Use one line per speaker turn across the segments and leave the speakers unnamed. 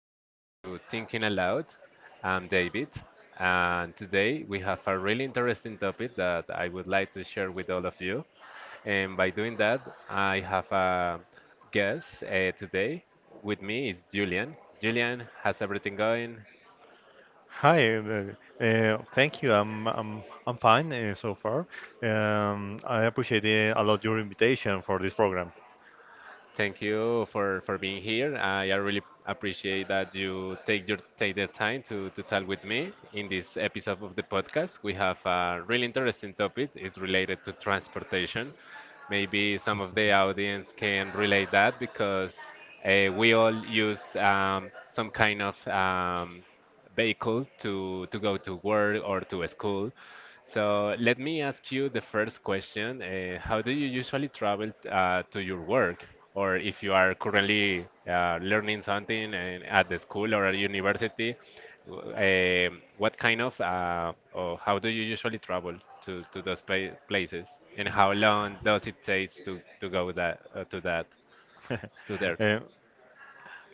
back to Thinking Aloud. I'm David, and today we have a really interesting topic that I would like to share with all of you. And by doing that, I have a guest today. With me is Julian. Julian, how's everything going?
Hi, uh, thank you. I'm fine so far. I appreciate a lot your invitation for this program.
Thank you for being here. I really appreciate that you take your take the time to talk with me in this episode of the podcast. We have a really interesting topic. It's related to transportation. Maybe some of the audience can relate that because we all use some kind of vehicle to go to work or to school. So let me ask you the first question. How do you usually travel to your work? Or if you are currently learning something and at the school or at university, uh, what kind of or how do you usually travel to those pa places? And how long does it take to go that to that to there?
Uh,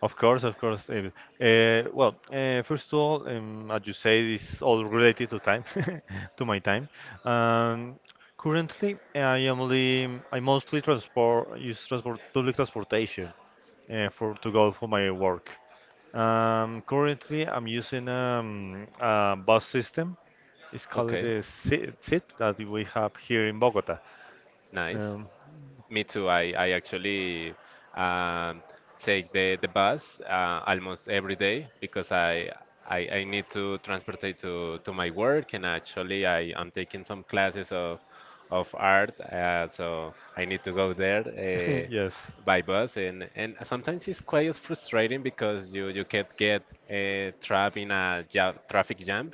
of course, of course. Well, first of all, as you say, this all related to time, to my time. Um, Currently, I am only I mostly transport use transport public transportation for to go for my work. Currently, I'm using a bus system. It's called
Okay,
the that we have here in Bogota.
nice.
Um,
Me too. I actually um, take the bus almost every day because I need to transport it to my work, and actually I'm taking some classes of art, so I need to go there.
yes,
By bus, and sometimes it's quite frustrating because you can't get trapped in a ja traffic jam,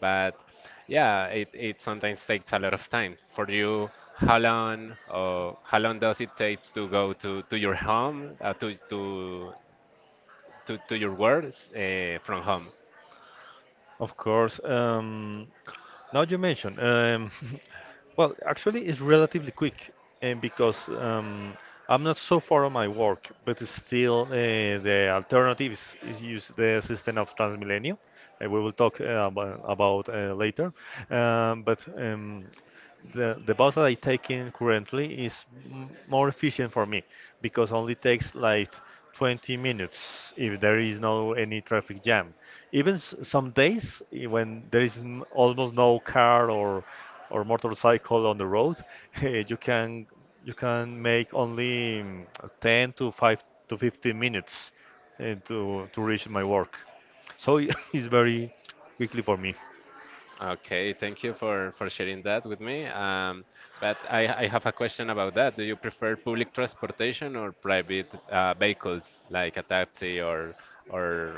but yeah, it sometimes takes a lot of time for you. How long, or how long does it take to go to your home, to your work from home?
of course. Now you mentioned, well, actually, it's relatively quick, and because I'm not so far on my work, but it's still the alternative is use the system of Transmilenio, and we will talk about later. Um, but um, the bus that I take in currently is more efficient for me because only takes like 20 minutes if there is no any traffic jam. Even some days when there is almost no car or motorcycle on the road, eh, you can you can make only 10 to 5 to 15 minutes to reach my work. So it's very quickly for me.
Okay, thank you for sharing that with me. But I have a question about that. Do you prefer public transportation or private vehicles like a taxi or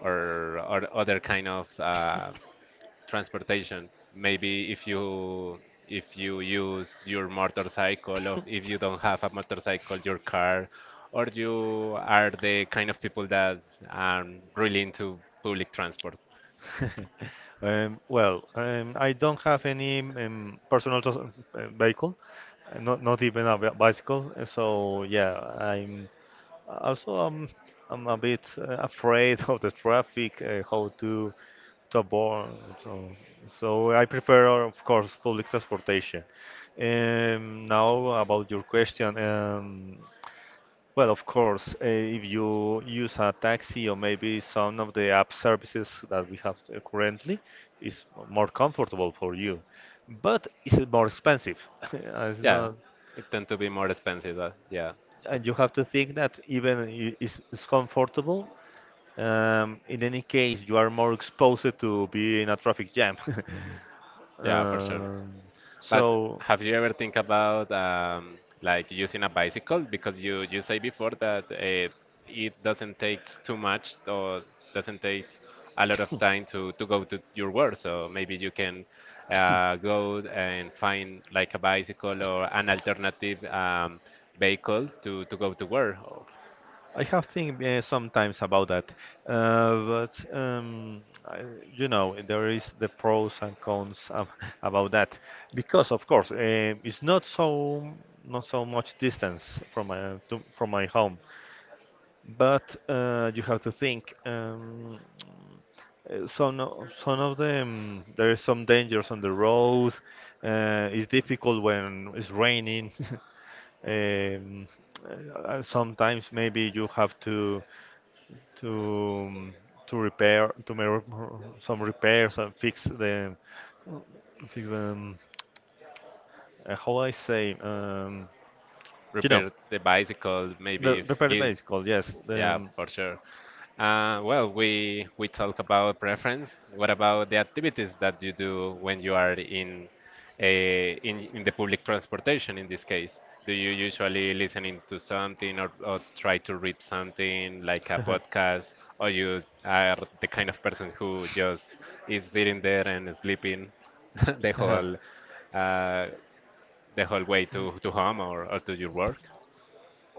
or other kind of transportation? Maybe if you use your motorcycle, or if you don't have a motorcycle, your car, or you are the kind of people that are really into public transport.
I don't have any personal vehicle, not not even a bicycle. So yeah, I'm also I'm a bit afraid of the traffic, how to avoid. So, so I prefer, of course, public transportation. Now about your question. Well, of course, if you use a taxi or maybe some of the app services that we have currently, is more comfortable for you. But it's more expensive. It's
Yeah,
not,
it tend to be more expensive. Yeah,
and you have to think that even it's comfortable, in any case, you are more exposed to be in a traffic jam.
yeah, for sure.
Um,
But
so
have you ever think about like using a bicycle? Because you say before that it doesn't take too much, or doesn't take a lot of time to go to your work. So maybe you can go and find like a bicycle or an alternative vehicle to go to work. Or
I have think sometimes about that, but I, you know there is the pros and cons about that because of course it's not so not so much distance from from my home, but you have to think. Some some of them there is some dangers on the road. It's difficult when it's raining. Um, Sometimes maybe you have to to repair to make some repairs and fix them. How I say? You know,
repair the bicycle, maybe
re
if
repair the
give.
bicycle. Yes.
Yeah,
The,
for sure. Well, we talk about preference. What about the activities that you do when you are in in the public transportation in this case? Do you usually listening to something, or try to read something like a podcast, or you are the kind of person who just is sitting there and sleeping the
um,
whole uh, the whole way to home, or to your work?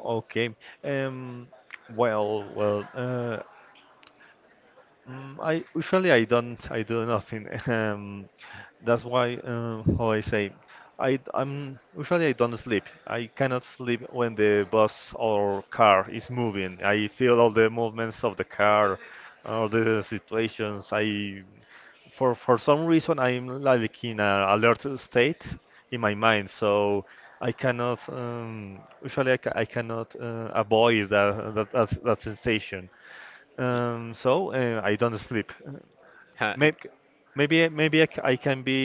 okay. Um, well, well, uh, I usually I do nothing. That's why how I say I don't sleep. I cannot sleep when the bus or car is moving. I feel all the movements of the car, all the situations. I for some reason I'm like in a alert state in my mind, so I cannot usually I cannot avoid that sensation.
Y-
I don't sleep.
Huh, it,
Maybe
c-
maybe maybe I can be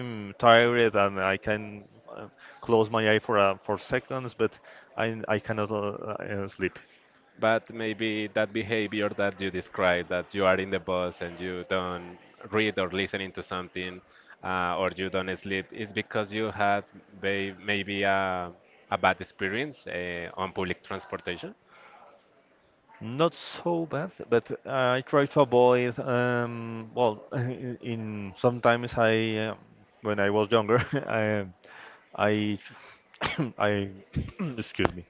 tired and I can close my eye for seconds, but I cannot sleep.
But maybe that behavior that you described, that you are in the bus and you don't read or listening to something, or you don't sleep, is because you had maybe a bad experience on public transportation?
Not so bad, but I try to avoid. Well, in sometimes when I was younger, I, I, excuse me.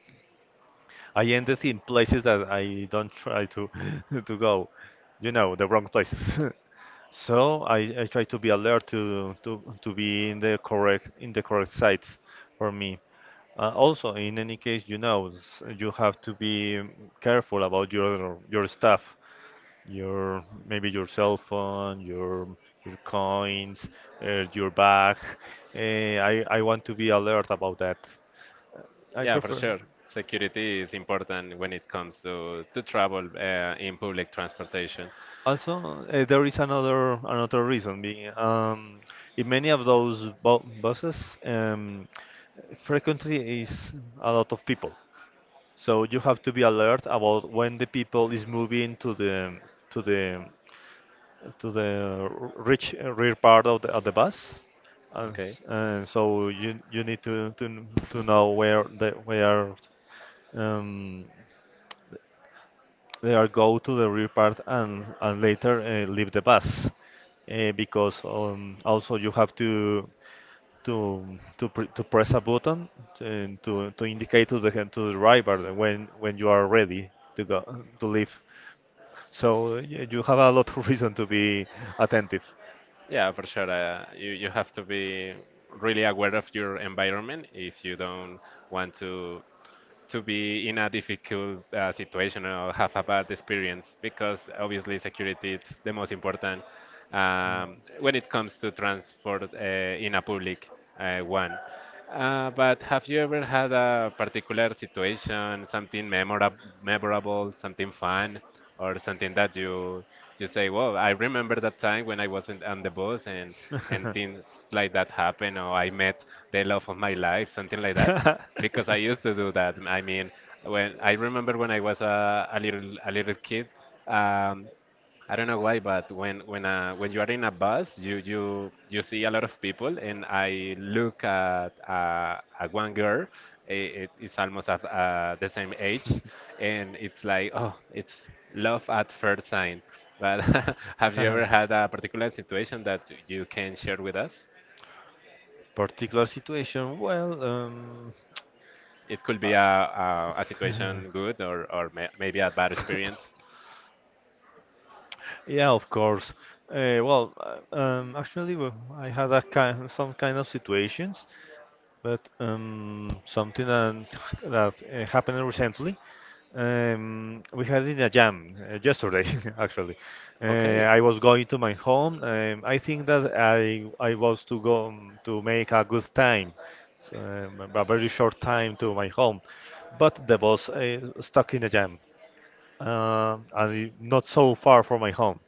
I ended in places that I don't try to to go, you know, the wrong places. So I try to be alert to be in the correct sites for me. Also, in any case, you know, you have to be careful about your stuff, your maybe your cell phone, your coins, your bag. Uh, I want to be alert about that. I
Yeah, for
prefer.
sure. Security is important when it comes to travel in public transportation.
Also, there is another reason being in many of those bu buses, frequently is a lot of people. So you have to be alert about when the people is moving to the to the to the rich rear part of the bus, and,
Okay.
and so you need to to know where the where um, they are go to the rear part and later leave the bus because also you have to press a button and to indicate to the driver when you are ready to go to leave. So you have a lot of reason to be attentive.
Yeah, for sure. You, you have to be really aware of your environment if you don't want to be in a difficult situation, or have a bad experience, because obviously security is the most important when it comes to transport in a public one. But have you ever had a particular situation, something memorable, something fun, or something that you say, "Well, I remember that time when I wasn't on the bus and things like that happened, or I met the love of my life," something like that? Because I used to do that. I mean, when I remember when I was a little kid, um, I don't know why, but when when you are in a bus, you you see a lot of people, and I look at one girl. It's almost at the same age, and it's like, oh, it's love at first sight. But have you ever had a particular situation that you can share with us?
Particular situation, well,
It could
uh,
be a, a situation good, or maybe a bad experience.
yeah, of course. Uh, well, Actually, well, I had a kind, some kind of situations, but something that happened recently. We had in a jam yesterday, actually.
Okay.
I was going to my home. I think that I was to go to make a good time, so, a very short time to my home, but the bus stuck in a jam, and not so far from my home.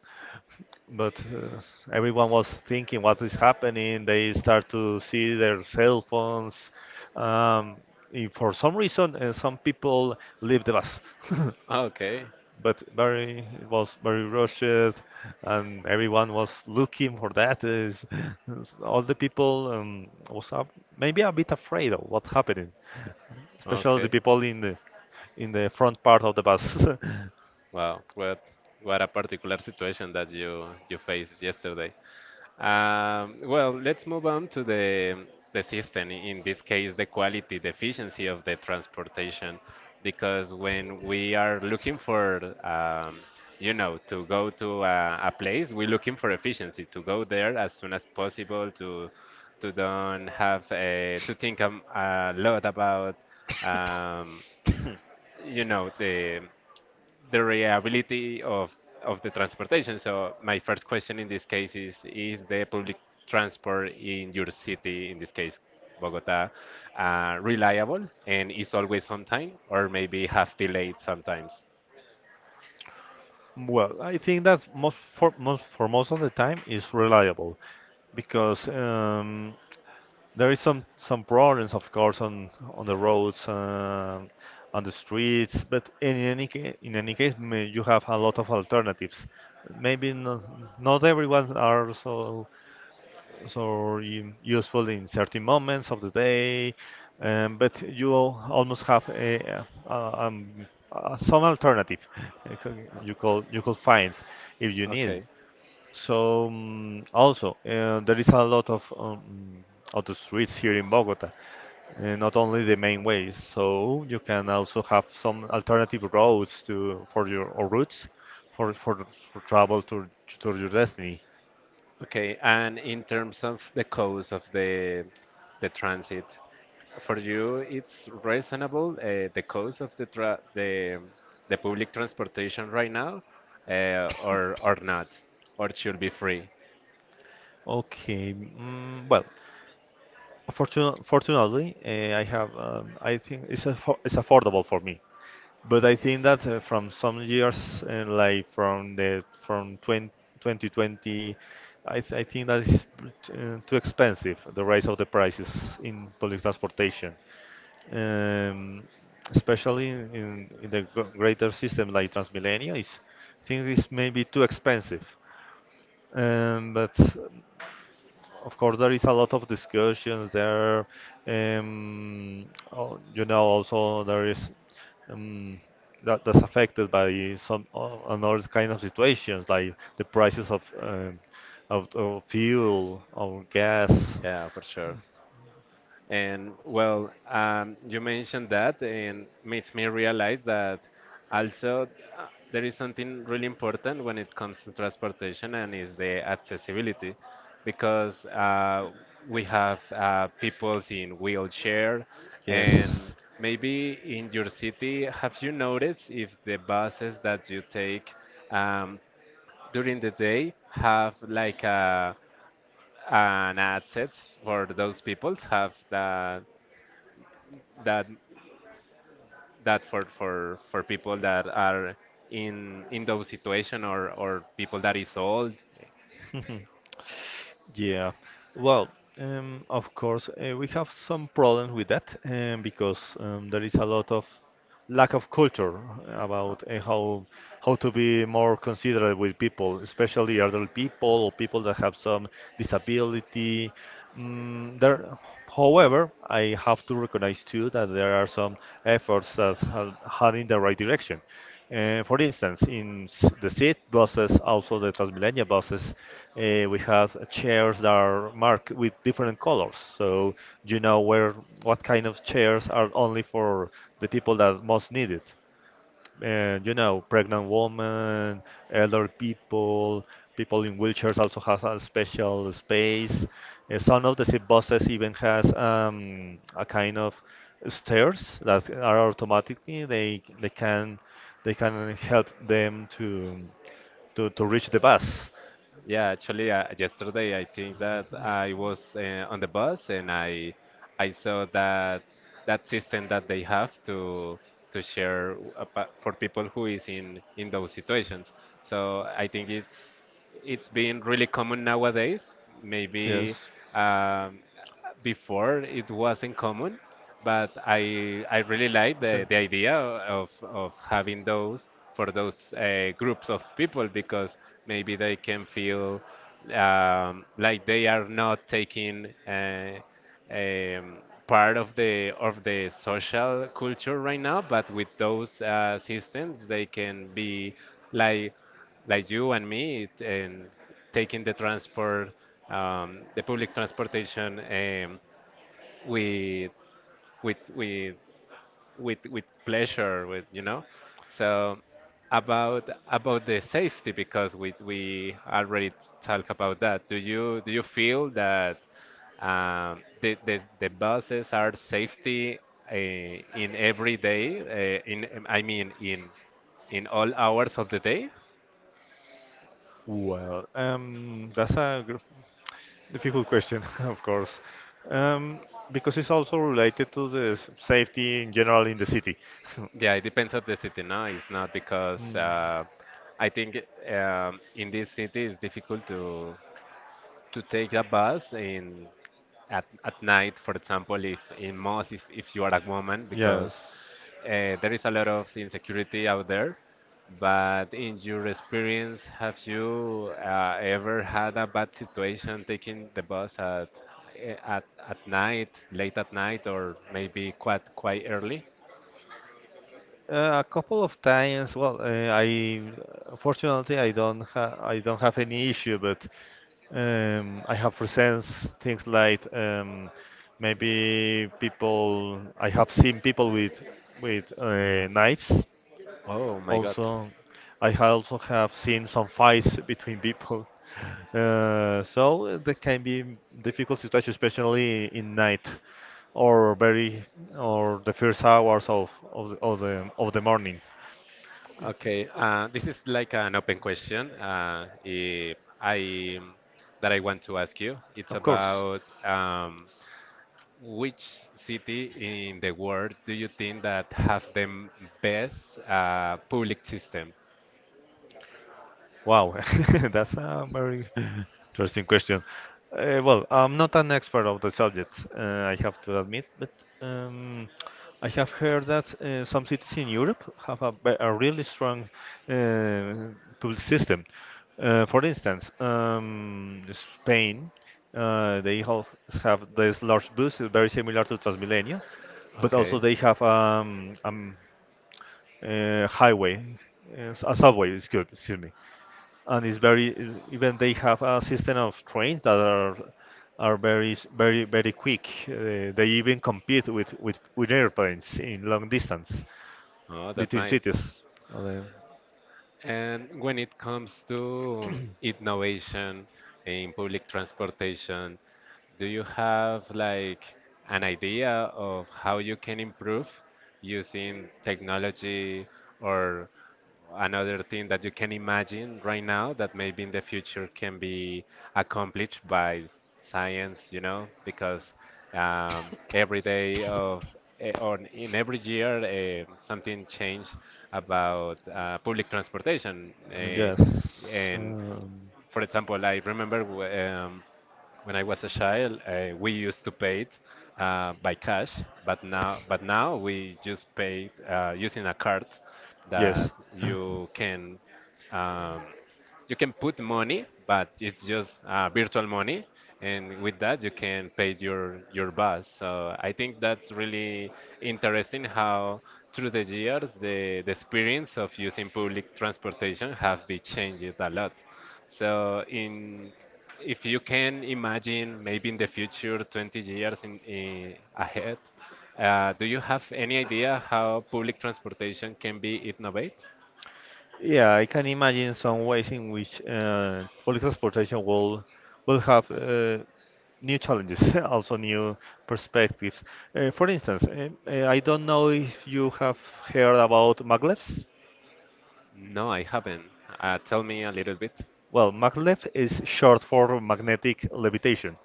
But everyone was thinking what is happening. They start to see their cell phones. Um, if for some reason, some people leave the bus.
Okay.
But very it was very rushed, and everyone was looking for that. Is all the people was a, maybe a bit afraid of what's happening, especially the
Okay.
people in the front part of the bus.
Wow. What a particular situation that you faced yesterday. Well, let's move on to the system. In this case, the quality, the efficiency of the transportation, because when we are looking for, you know, to go to a place, we're looking for efficiency to go there as soon as possible, to don't have to think a lot about, um, you know, the reliability of the transportation. So my first question in this case is the public transport in your city, in this case Bogota, reliable and is always on time, or maybe half delayed sometimes?
Well, I think that most for most for most of the time is reliable because there is some problems, of course, on the roads, on the streets. But in any in any case, you have a lot of alternatives. Maybe not, not everyone are so so useful in certain moments of the day, but you almost have a, some alternative you could find if you need it.
Okay.
So also there is a lot of the streets here in Bogota, not only the main ways. So you can also have some alternative roads to for your or routes for for, for travel to your destiny.
Okay. And in terms of the cost of the transit, for you it's reasonable the cost of the tra the public transportation right now, or not, or it should be free?
Okay, well, fortunately, I have. I think it's affordable for me. But I think that from some years, like from the from 20, 2020, I think that is too expensive, the rise of the prices in public transportation, um, especially in the greater system like Transmilenio. Is I think it's maybe too expensive. But Of course, there is a lot of discussions there. Um, you know, also there is um, that that's affected by some another kind of situations, like the prices of of fuel, of gas.
Yeah, for sure. And well, you mentioned that, and makes me realize that also uh, there is something really important when it comes to transportation, and is the accessibility, because we have people in wheelchair,
Yes.
and maybe in your city, have you noticed if the buses that you take um, during the day have like a and assets for those peoples have that that that for people that are in those situation, or people that is old.
Yeah. Well, of course, we have some problems with that because there is a lot of lack of culture about how to be more considerate with people, especially elderly people or people that have some disability. Mm, there, However, I have to recognize too that there are some efforts that are heading in the right direction. For instance, in the seat buses, also the Transmilenio buses, we have chairs that are marked with different colors, so you know where what kind of chairs are only for the people that most need it, and you know, pregnant women, elder people, people in wheelchairs also has a special space. Some of the zip buses even has a kind of stairs that are automatically they can help them to reach the bus.
Yeah, actually, yesterday I think that I was on the bus, and I saw that that system that they have to share for people who is in those situations. So I think it's been really common nowadays. Maybe
Yes,
um, before it wasn't common, but I really like
so,
the idea of having those for those groups of people, because maybe they can feel like they are not taking um, part of the social culture right now, but with those systems they can be like like you and me, it- and taking the transport, the public transportation, with with with with pleasure, with so, about the safety, because we already talk about that. Do you feel that the buses are safety uh, in every day, in I mean in all hours of the day?
well um that's a gr- difficult question, of course, um, because it's also related to the safety in general in the city.
Yeah, it depends on the city. No, it's not, because
Mm,
I think in this city it's difficult to take a bus in at night, for example, if in most if you are a woman,
Yes.
because there is a lot of insecurity out there. But in your experience, have you ever had a bad situation taking the bus at at night, late at night, or maybe quite quite early?
A couple of times. Well, I fortunately I don't have any issue, but I have presents things like maybe people. I have seen people with knives.
Oh my God.
Also, also have seen some fights between people. That can be difficult situation, especially in night or very or the first hours of the, of the of the morning.
Okay, this is like an open question, eh, I that I want to ask you. It's
Of course.
about which city in the world do you think that have the best public system?
Wow, that's a very interesting question. Well, I'm not an expert of the subject, I have to admit, but um, I have heard that some cities in Europe have a, a really strong uh, public system. For instance, Spain, uh, they have, have this large bus, very similar to Transmilenio, but also
Okay.
they have highway, a subway, excuse me, and it's very even they have a system of trains that are very very quick. They even compete with, with airplanes in long distance
Oh, that's
between
nice.
cities. Okay.
And when it comes to innovation in public transportation, do you have like an idea of how you can improve using technology, or another thing that you can imagine right now, that maybe in the future can be accomplished by science, you know? Because every day of or in every year something changed about public transportation. eh,
yes,
and
um,
for example, I remember when I was a child, we used to pay it by cash, but now we just pay it, using a card
yes.
that um, you can put money, but it's just virtual money, and with that you can pay your bus. So I think that's really interesting how through the years the experience of using public transportation have been changed a lot. So in if you can imagine maybe in the future 20 years in ahead, do you have any idea how public transportation can be innovated?
Yeah, I can imagine some ways in which public transportation will will have new challenges, also new perspectives. For instance, I don't know if you have heard about maglevs.
No, I haven't. Tell me a little bit.
Well, maglev is short for magnetic levitation.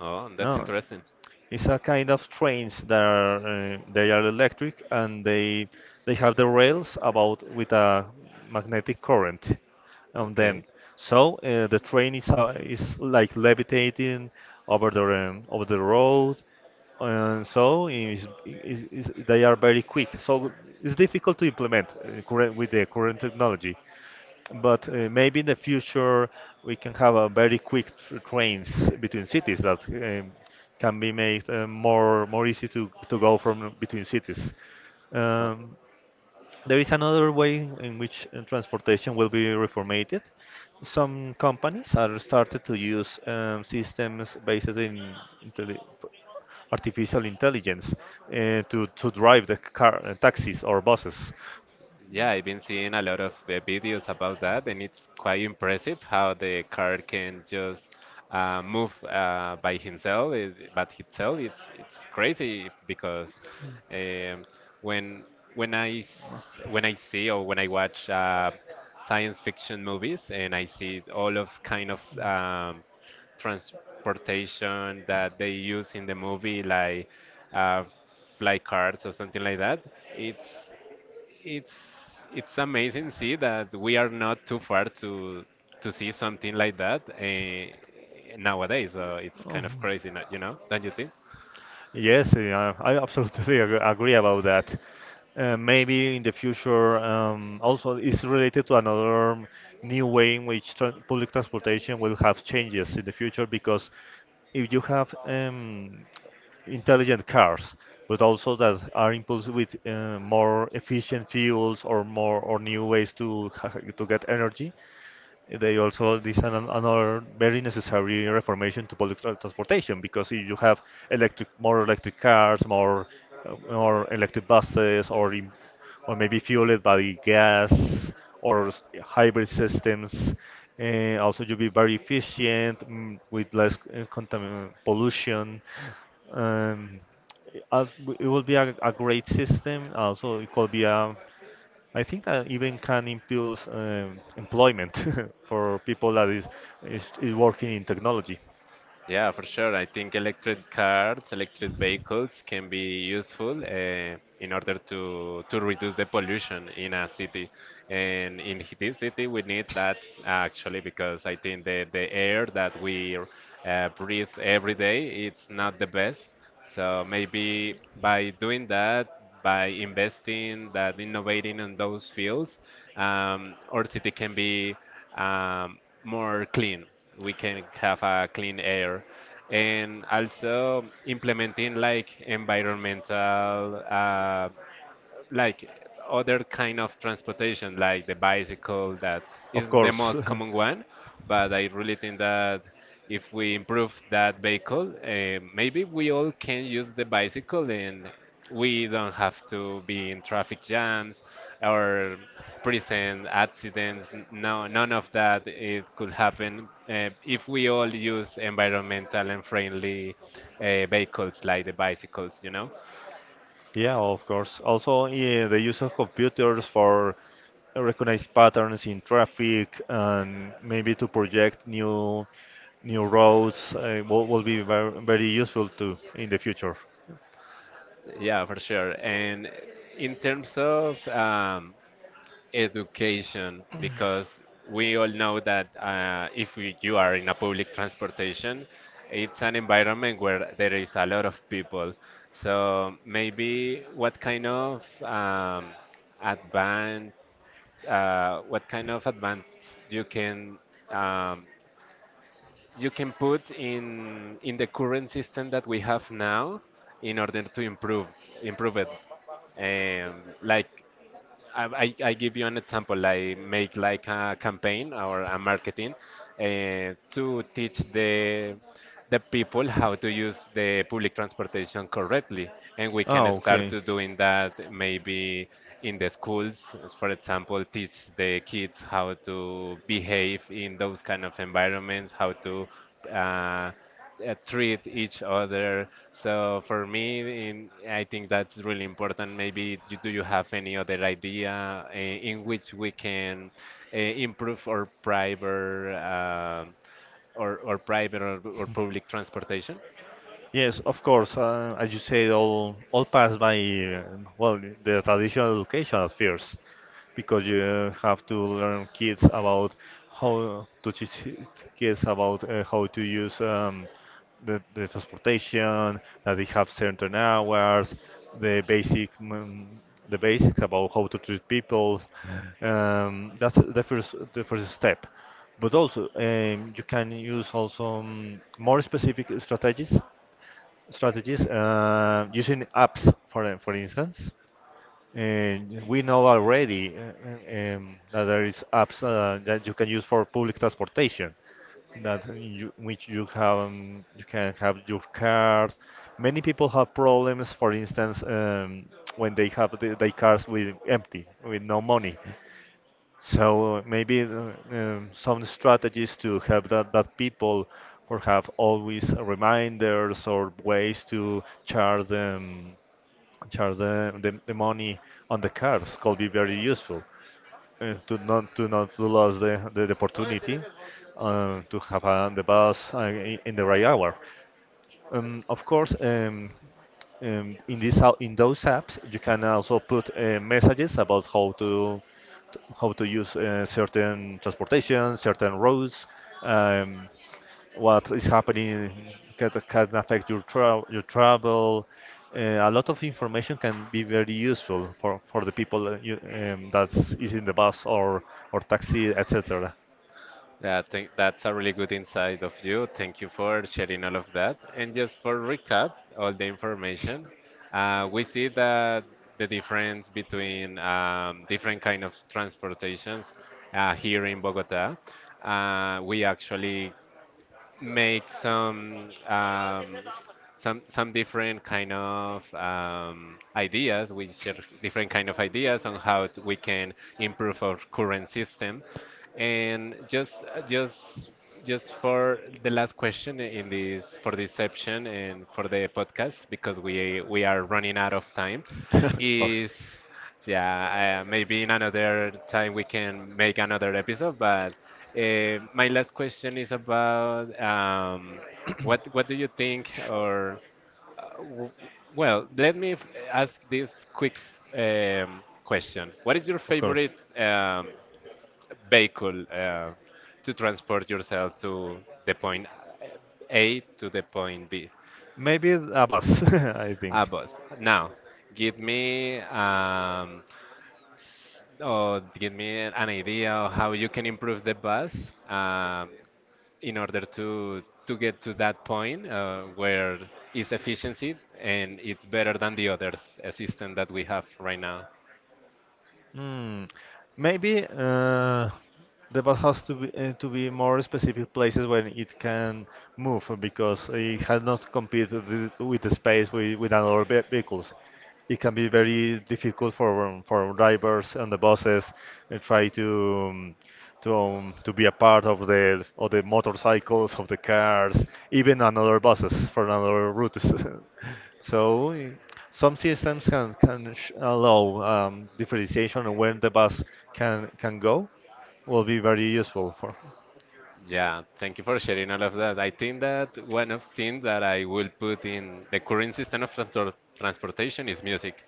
Oh, that's
No,
interesting.
it's a kind of trains that are they are electric and they have the rails about with a magnetic current on
Okay.
them. So the train is like levitating over the over the road, and so is they are very quick. So it's difficult to implement with the current technology. But maybe in the future we can have a very quick tr trains between cities that can be made more easy to go from between cities.
Uh,
Um, there is another way in which transportation will be reformatted. Some companies are started to use systems based in intelli artificial intelligence to drive the car, taxis or buses.
yeah, I've been seeing a lot of videos about that, and it's quite impressive how the car can just move by himself. It, but itself, it's crazy because um, when when I see or when I watch science fiction movies, and I see all of kind of transportation that they use in the movie, like uh, fly cards or something like that. It's it's amazing see that we are not too far to see something like that nowadays. So it's
Oh.
kind of crazy, you know? Don't you think?
Yes, yeah, I absolutely agree about that. Maybe in the future, also it's related to another new way in which tra public transportation will have changes in the future, because if you have intelligent cars, but also that are impulsed with more efficient fuels, or more or new ways to to get energy, they also this is an, another very necessary reformation to public transportation, because if you have electric more electric cars, more electric buses, or maybe fueled by gas hybrid systems, also you'll be very efficient with less contamin pollution. um, it will be a great system. Also it could be a, I think that even can improve employment for people that is working in technology.
Yeah, for sure. I think electric cars, electric vehicles can be useful in order to reduce the pollution in a city. And in this city, we need that actually because I think the air that we breathe every day it's not the best. So maybe by doing that, by investing that, innovating in those fields, our city can be um, more clean. We can have a clean air, and also implementing like environmental like other kind of transportation, like the bicycle that
Of
is the
course,
most common one. But I really think that if we improve that vehicle, maybe we all can use the bicycle and we don't have to be in traffic jams or prison accidents. No, none of that it could happen if we all use environmental and friendly vehicles like the bicycles, you know.
yeah, of course. Also, yeah, the use of computers for recognize patterns in traffic, and maybe to project new roads will be very, very useful too in the future.
Yeah, for sure. And in terms of education, because we all know that if you are in a public transportation, it's an environment where there is a lot of people. So maybe what kind of advance, what kind of advance um, you can put in the current system that we have now in order to improve it. Like I give you an example. I make like a campaign or a marketing uh, to teach the people how to use the public transportation correctly, and we
Ah,
can start
okay.
to doing that maybe in the schools. As for example, teach the kids how to behave in those kind of environments, how to uh, treat each other. So for me, I think that's really important. Maybe do you have any other idea in which we can improve our private or or public transportation?
Yes, of course. As you said, all passed by well the traditional education at first, because you have to learn kids about how to teach kids about how to use the transportation, that they have certain hours, the basic mm, the basics about how to treat people. That's the first step. But also, you can use also more specific strategies using apps, for instance. And we know already that there is apps that you can use for public transportation, that you, which you have you can have your cars. Many people have problems, for instance, when they have their cars with empty, with no money. So maybe some strategies to help that, that people or have always reminders or ways to charge the money on the cards could be very useful to not to lose the opportunity to have the bus in the right hour. Of course, in in those apps, you can also put messages about how to how to use certain transportation, certain roads, um, what is happening can affect your tra your travel. A lot of information can be very useful for the people, that's using the bus or taxi, etc.
Yeah, thank, that's a really good insight of you. Thank you for sharing all of that. And just for recap, all the information, we see that the difference between different kind of transportations here in Bogota, we actually make some some different kind of ideas. We share different kind of ideas on how we can improve our current system. And just just just for the last question in this for this section and for the podcast because we are running out of time
of
is. Yeah, maybe in another time we can make another episode. But my last question is about what do you think, or uh, w- well, ask this quick question. What is your
of course.
favorite vehicle to transport yourself to the point A to the point B?
Maybe a bus, I think.
A bus. Now, give me. Or give me an idea of how you can improve the bus in order to get to that point where it's efficiency and it's better than the others system that we have right now.
Hmm. Maybe the bus has to be more specific places when it can move, because it has not competed with the space with another vehicles. It can be very difficult for drivers on the buses, try to um, to be a part of the motorcycles of the cars, even another buses for another routes. So. Some systems can can allow differentiation on when the bus can go. Will be very useful for.
Yeah, thank you for sharing all of that. I think that one of things that I will put in the current system of transportation is music.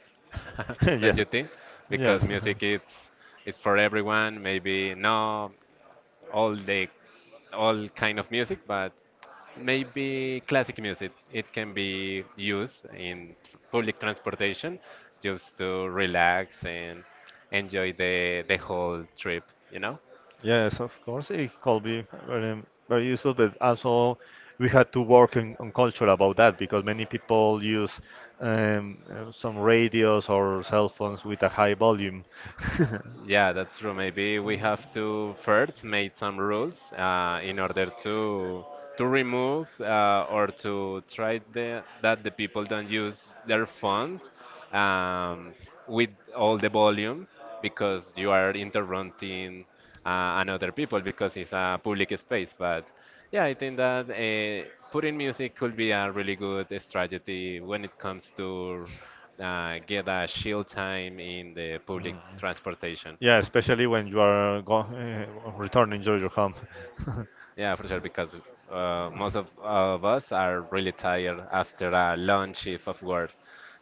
Don't
yes,
you think?
yes,
Because
uh-huh.
music it's for everyone, maybe no all the all kind of music, but maybe classic music. It can be used in public transportation just to relax and enjoy the whole trip, you know?
Yes. Of course, it could be very very useful, but also we had to work on culture about that, because many people use some radios or cell phones with a high volume.
Yeah, that's true. Maybe we have to first make some rules in order to remove or to try that the people don't use their phones um, with all the volume because you are interrupting another people because it's a public space. But yeah, I think that putting music could be a really good strategy when it comes to get a shield time in the public transportation.
Yeah, especially when you are go returning to your home.
Yeah, for sure, because most of us are really tired after a long shift of work.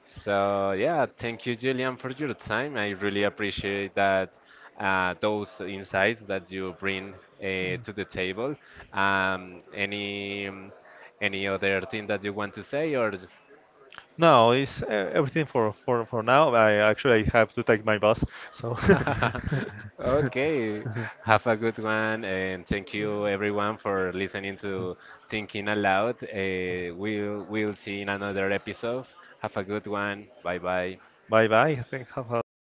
So yeah, thank you, Julian, for your time. I really appreciate that those insights that you bring to the table. Um, any um, any other thing that you want to say, or
No, it's everything for for now. I actually have to take my bus, so
Okay, have a good one, and thank you everyone for listening to Thinking Aloud. We'll see in another episode. Have a good one. Bye bye.
bye bye. I think have a good time.